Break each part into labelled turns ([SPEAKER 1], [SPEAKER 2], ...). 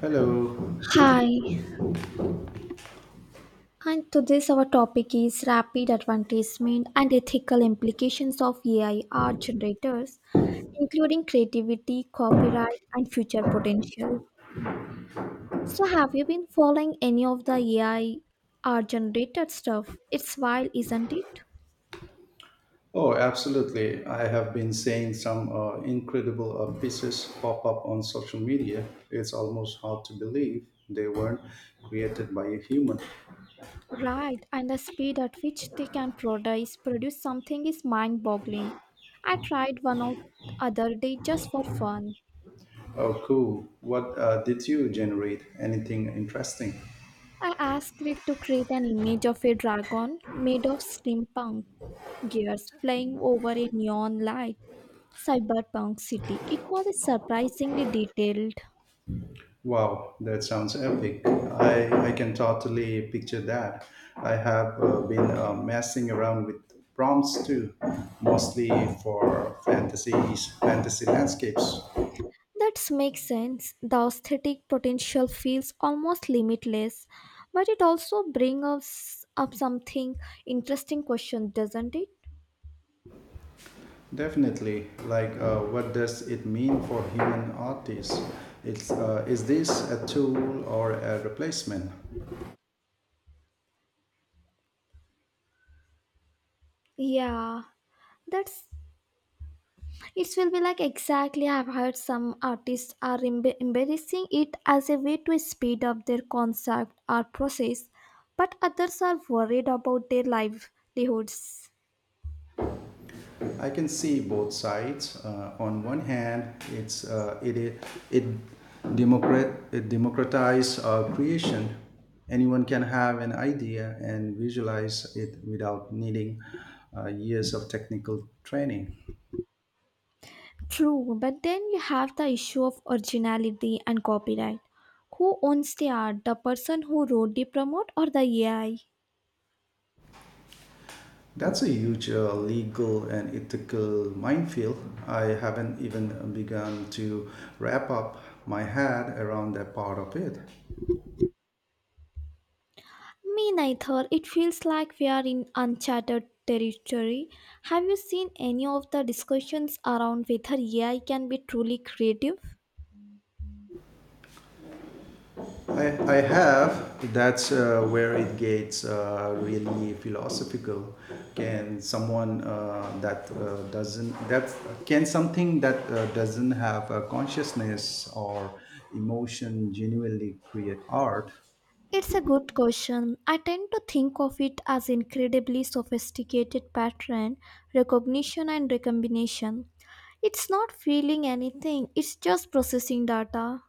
[SPEAKER 1] Hello.
[SPEAKER 2] Hi, and today's our topic is rapid advancement and ethical implications of AI art generators, including creativity, copyright, and future potential. So, have you been following any of the AI art generated stuff? It's wild, isn't it?
[SPEAKER 1] Oh, absolutely. I have been seeing some incredible pieces pop up on social media. It's almost hard to believe they weren't created by a human.
[SPEAKER 2] Right, and the speed at which they can produce something is mind-boggling. I tried one out other day just for fun.
[SPEAKER 1] Oh, cool. What did you generate? Anything interesting?
[SPEAKER 2] I asked it to create an image of a dragon made of steampunk gears flying over a neon light cyberpunk city. It was surprisingly detailed.
[SPEAKER 1] Wow, that sounds epic. I can totally picture that. I have been messing around with prompts too, mostly for fantasy landscapes.
[SPEAKER 2] That makes sense. The aesthetic potential feels almost limitless, but it also brings us up something interesting question, doesn't it?
[SPEAKER 1] Definitely. Like, what does it mean for human artists? Is this a tool or a replacement?
[SPEAKER 2] Yeah, that's it will be like exactly. I've heard some artists are embracing it as a way to speed up their concept or process, but others are worried about their livelihoods.
[SPEAKER 1] I can see both sides. On one hand, it's, it, it, it, democrat, it democratizes creation. Anyone can have an idea and visualize it without needing years of technical training.
[SPEAKER 2] True, but then you have the issue of originality and copyright. Who owns the art? The person who wrote the prompt or the AI?
[SPEAKER 1] That's a huge legal and ethical minefield. I haven't even begun to wrap up my head around that part of it.
[SPEAKER 2] Me neither. It feels like we are in uncharted territory. Have you seen any of the discussions around whether AI can be truly creative?
[SPEAKER 1] I, I have, that's where it gets really philosophical. Can someone uh, that uh, doesn't, that can something that doesn't have a consciousness or emotion genuinely create art?
[SPEAKER 2] It's a good question. I tend to think of it as incredibly sophisticated pattern recognition and recombination. It's not feeling anything, it's just processing data.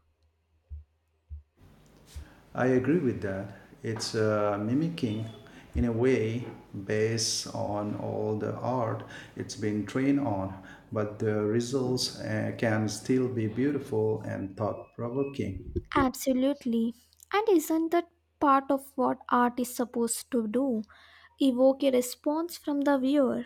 [SPEAKER 1] I agree with that. It's mimicking, in a way, based on all the art it's been trained on, but the results can still be beautiful and thought provoking.
[SPEAKER 2] Absolutely. And isn't that part of what art is supposed to do? Evoke a response from the viewer.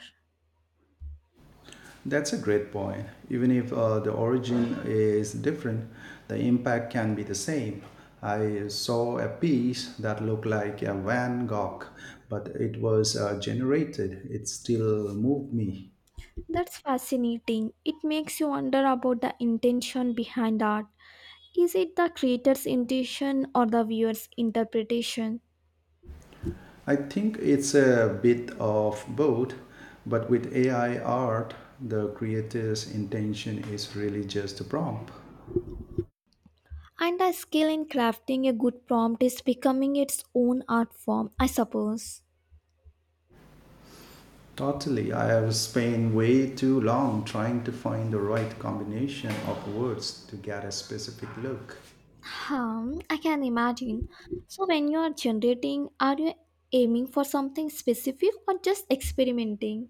[SPEAKER 1] That's a great point. Even if the origin is different, the impact can be the same. I saw a piece that looked like a Van Gogh, but it was generated. It still moved me.
[SPEAKER 2] That's fascinating. It makes you wonder about the intention behind art. Is it the creator's intention or the viewer's interpretation?
[SPEAKER 1] I think it's a bit of both, but with AI art, the creator's intention is really just a prompt.
[SPEAKER 2] And a skill in crafting a good prompt is becoming its own art form, I suppose.
[SPEAKER 1] Totally, I have spent way too long trying to find the right combination of words to get a specific look.
[SPEAKER 2] Hmm, I can imagine. So, when you are generating, are you aiming for something specific or just experimenting?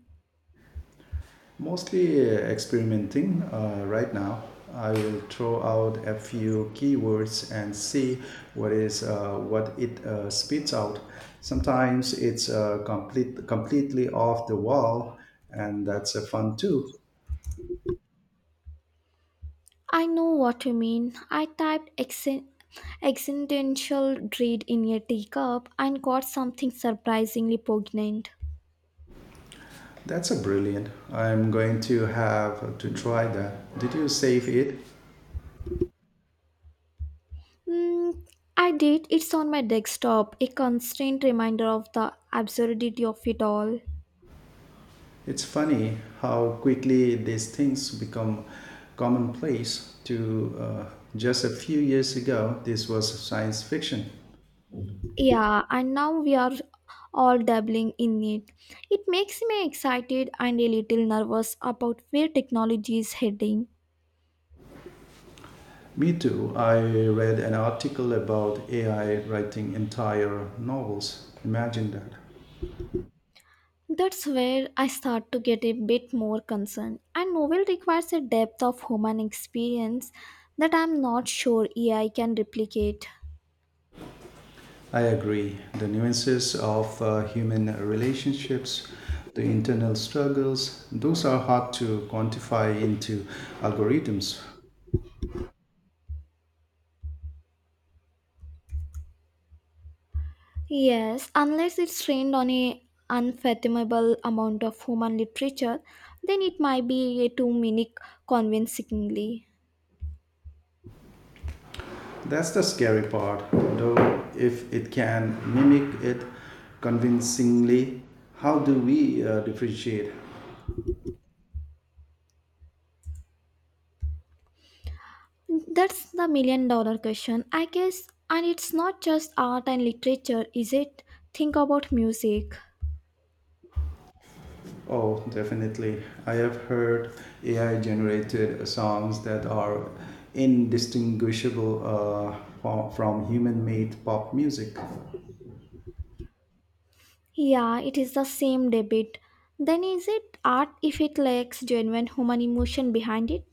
[SPEAKER 1] Mostly experimenting right now. I will throw out a few keywords and see what it spits out. Sometimes it's completely off the wall, and that's a fun too.
[SPEAKER 2] I know what you mean. I typed accent. Existential dread in a teacup and got something surprisingly poignant.
[SPEAKER 1] That's a brilliant. I'm going to have to try that. Did you save it?
[SPEAKER 2] Mm, I did. It's on my desktop, a constant reminder of the absurdity of it all.
[SPEAKER 1] It's funny how quickly these things become commonplace. To Just a few years ago, this was science fiction.
[SPEAKER 2] Yeah, and now we are all dabbling in it. It makes me excited and a little nervous about where technology is heading.
[SPEAKER 1] Me too. I read an article about AI writing entire novels. Imagine that.
[SPEAKER 2] That's where I start to get a bit more concerned. A novel requires a depth of human experience that I'm not sure AI can replicate.
[SPEAKER 1] I agree. The nuances of human relationships, the internal struggles, those are hard to quantify into algorithms.
[SPEAKER 2] Yes, unless it's trained on a unfathomable amount of human literature, then it might be a too many convincingly.
[SPEAKER 1] That's the scary part, though, if it can mimic it convincingly, how do we differentiate?
[SPEAKER 2] That's the million dollar question, I guess. And it's not just art and literature, is it? Think about music.
[SPEAKER 1] Oh, definitely. I have heard AI generated songs that are indistinguishable from human made pop music.
[SPEAKER 2] Yeah, it is the same debate. Then is it art if it lacks genuine human emotion behind it?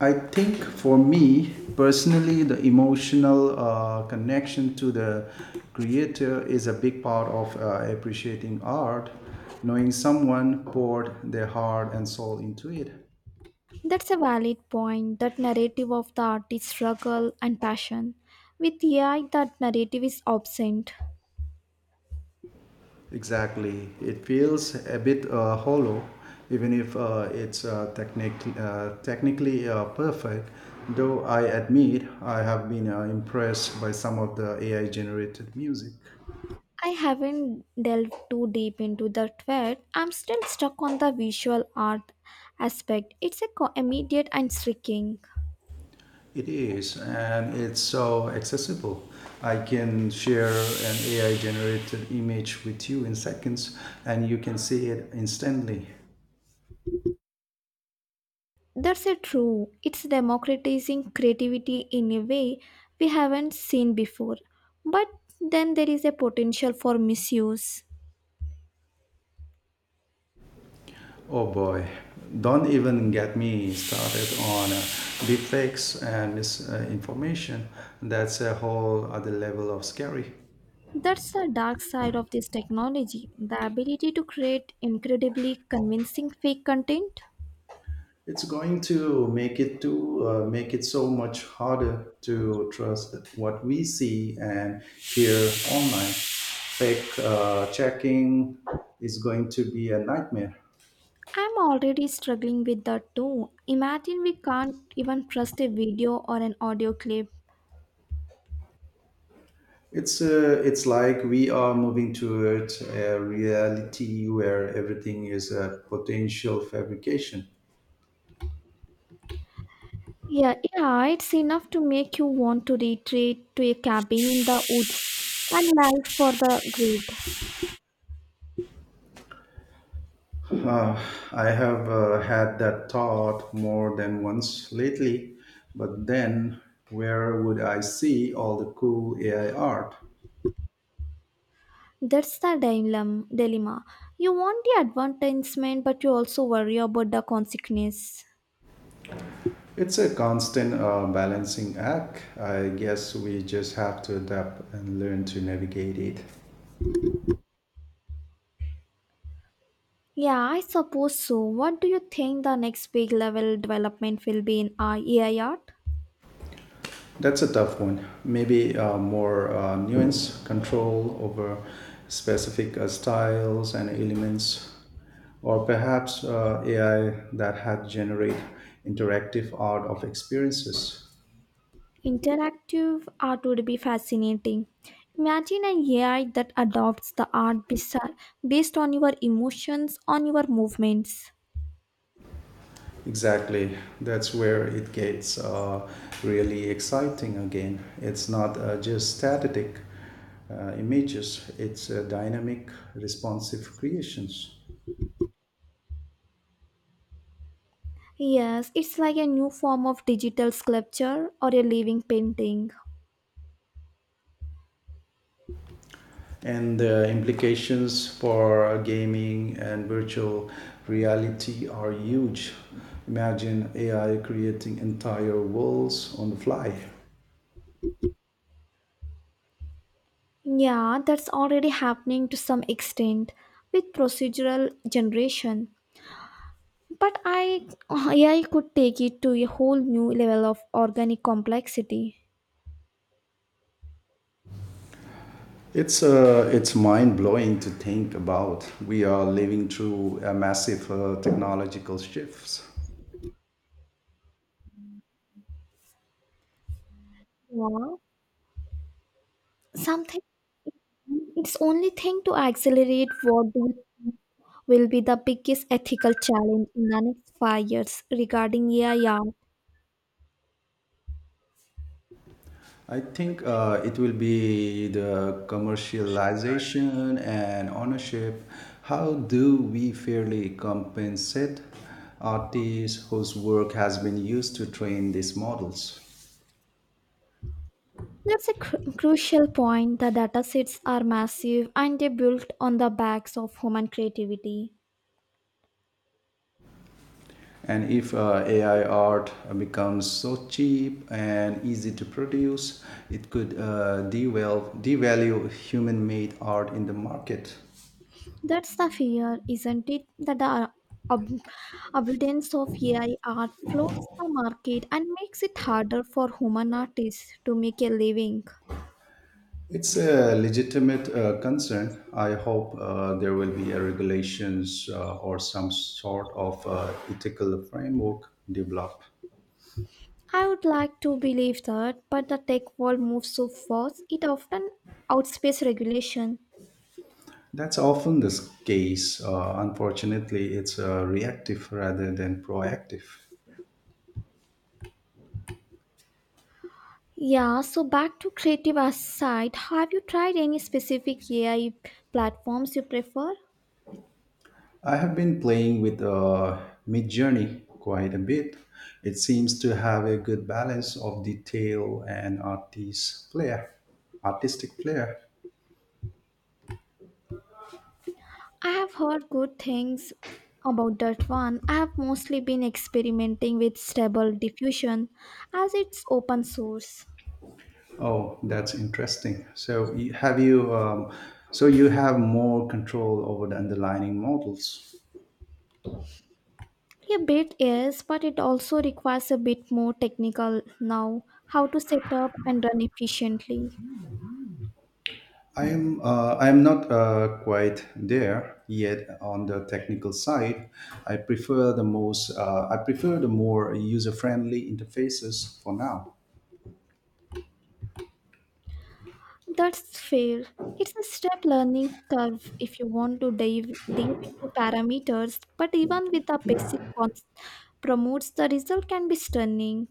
[SPEAKER 1] I think for me personally, the emotional connection to the creator is a big part of appreciating art, knowing someone poured their heart and soul into it.
[SPEAKER 2] That's a valid point. That narrative of the artist's struggle and passion. With AI, that narrative is absent.
[SPEAKER 1] Exactly. It feels a bit hollow, even if it's technically perfect. Though I admit I have been impressed by some of the AI generated music.
[SPEAKER 2] I haven't delved too deep into that yet. I'm still stuck on the visual art aspect. It's a immediate and striking.
[SPEAKER 1] It is, and it's so accessible. I can share an AI generated image with you in seconds, and you can see it instantly.
[SPEAKER 2] That's a true. It's democratizing creativity in a way we haven't seen before. But then there is a potential for misuse.
[SPEAKER 1] Oh boy, don't even get me started on deepfakes and misinformation. That's a whole other level of scary.
[SPEAKER 2] That's the dark side of this technology, the ability to create incredibly convincing fake content.
[SPEAKER 1] It's going to make it so much harder to trust what we see and hear online. Fake checking is going to be a nightmare.
[SPEAKER 2] I'm already struggling with that too. Imagine we can't even trust a video or an audio clip.
[SPEAKER 1] It's like we are moving towards a reality where everything is a potential fabrication.
[SPEAKER 2] Yeah, yeah, it's enough to make you want to retreat to a cabin in the woods and live for the greed.
[SPEAKER 1] Uh, I have had that thought more than once lately, but then where would I see all the cool AI art?
[SPEAKER 2] That's the dilemma. Dilemma. You want the advertisement, but you also worry about the consequences.
[SPEAKER 1] It's a constant balancing act. I guess we just have to adapt and learn to navigate it.
[SPEAKER 2] Yeah, I suppose so. What do you think the next big level development will be in our AI art?
[SPEAKER 1] That's a tough one. Maybe more nuance, control over specific styles and elements, or perhaps AI that had generate interactive art of experiences.
[SPEAKER 2] Interactive art would be fascinating. Imagine an AI that adopts the art based on your emotions, on your movements.
[SPEAKER 1] Exactly. That's where it gets really exciting again. It's not just static images, it's dynamic, responsive creations.
[SPEAKER 2] Yes, it's like a new form of digital sculpture or a living painting.
[SPEAKER 1] And the implications for gaming and virtual reality are huge. Imagine AI creating entire worlds on the fly.
[SPEAKER 2] Yeah, that's already happening to some extent with procedural generation. But I AI could take it to a whole new level of organic complexity.
[SPEAKER 1] It's mind blowing to think about. We are living through a massive technological shifts.
[SPEAKER 2] Yeah. Something it's only thing to accelerate. What do you think will be the biggest ethical challenge in the next five years regarding AI art?
[SPEAKER 1] I think it will be the commercialization and ownership. How do we fairly compensate artists whose work has been used to train these models?
[SPEAKER 2] That's a crucial point. The datasets are massive and they built on the backs of human creativity.
[SPEAKER 1] And if AI art becomes so cheap and easy to produce, it could devalue human made art in the market.
[SPEAKER 2] That's the fear, isn't it? That the ab- abundance of AI art floods the market and makes it harder for human artists to make a living.
[SPEAKER 1] It's a legitimate concern. I hope there will be a regulations or some sort of ethical framework developed.
[SPEAKER 2] I would like to believe that, but the tech world moves so fast, it often outpaces regulation.
[SPEAKER 1] That's often the case. Unfortunately, it's reactive rather than proactive.
[SPEAKER 2] Yeah, so back to creative aside, have you tried any specific AI platforms you prefer?
[SPEAKER 1] I have been playing with Midjourney quite a bit. It seems to have a good balance of detail and artistic flair.
[SPEAKER 2] I have heard good things about that one. I have mostly been experimenting with Stable Diffusion as it's open source.
[SPEAKER 1] Oh, that's interesting. So you have more control over the underlying models.
[SPEAKER 2] A bit yes, but it also requires a bit more technical now how to set up and run efficiently.
[SPEAKER 1] I am not quite there yet on the technical side. I prefer the more user friendly interfaces for now.
[SPEAKER 2] That's fair. It's a step learning curve if you want to dive deep into parameters, but even with the basic cons, promotes the result can be stunning.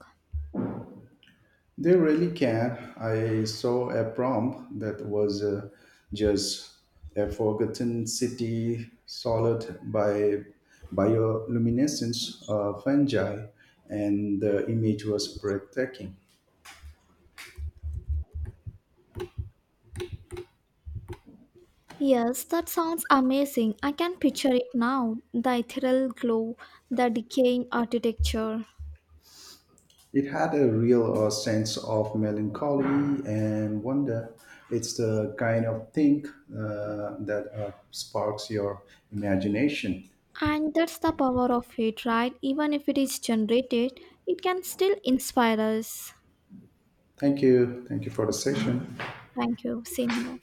[SPEAKER 1] They really can. I saw a prompt that was just a forgotten city solid by bioluminescence fungi, and the image was breathtaking.
[SPEAKER 2] Yes, that sounds amazing. I can picture it now. The ethereal glow, the decaying architecture.
[SPEAKER 1] It had a real sense of melancholy and wonder. It's the kind of thing that sparks your imagination.
[SPEAKER 2] And that's the power of it, right? Even if it is generated, it can still inspire us.
[SPEAKER 1] Thank you. Thank you for the
[SPEAKER 2] Thank you.
[SPEAKER 1] session.
[SPEAKER 2] Thank you. Same here.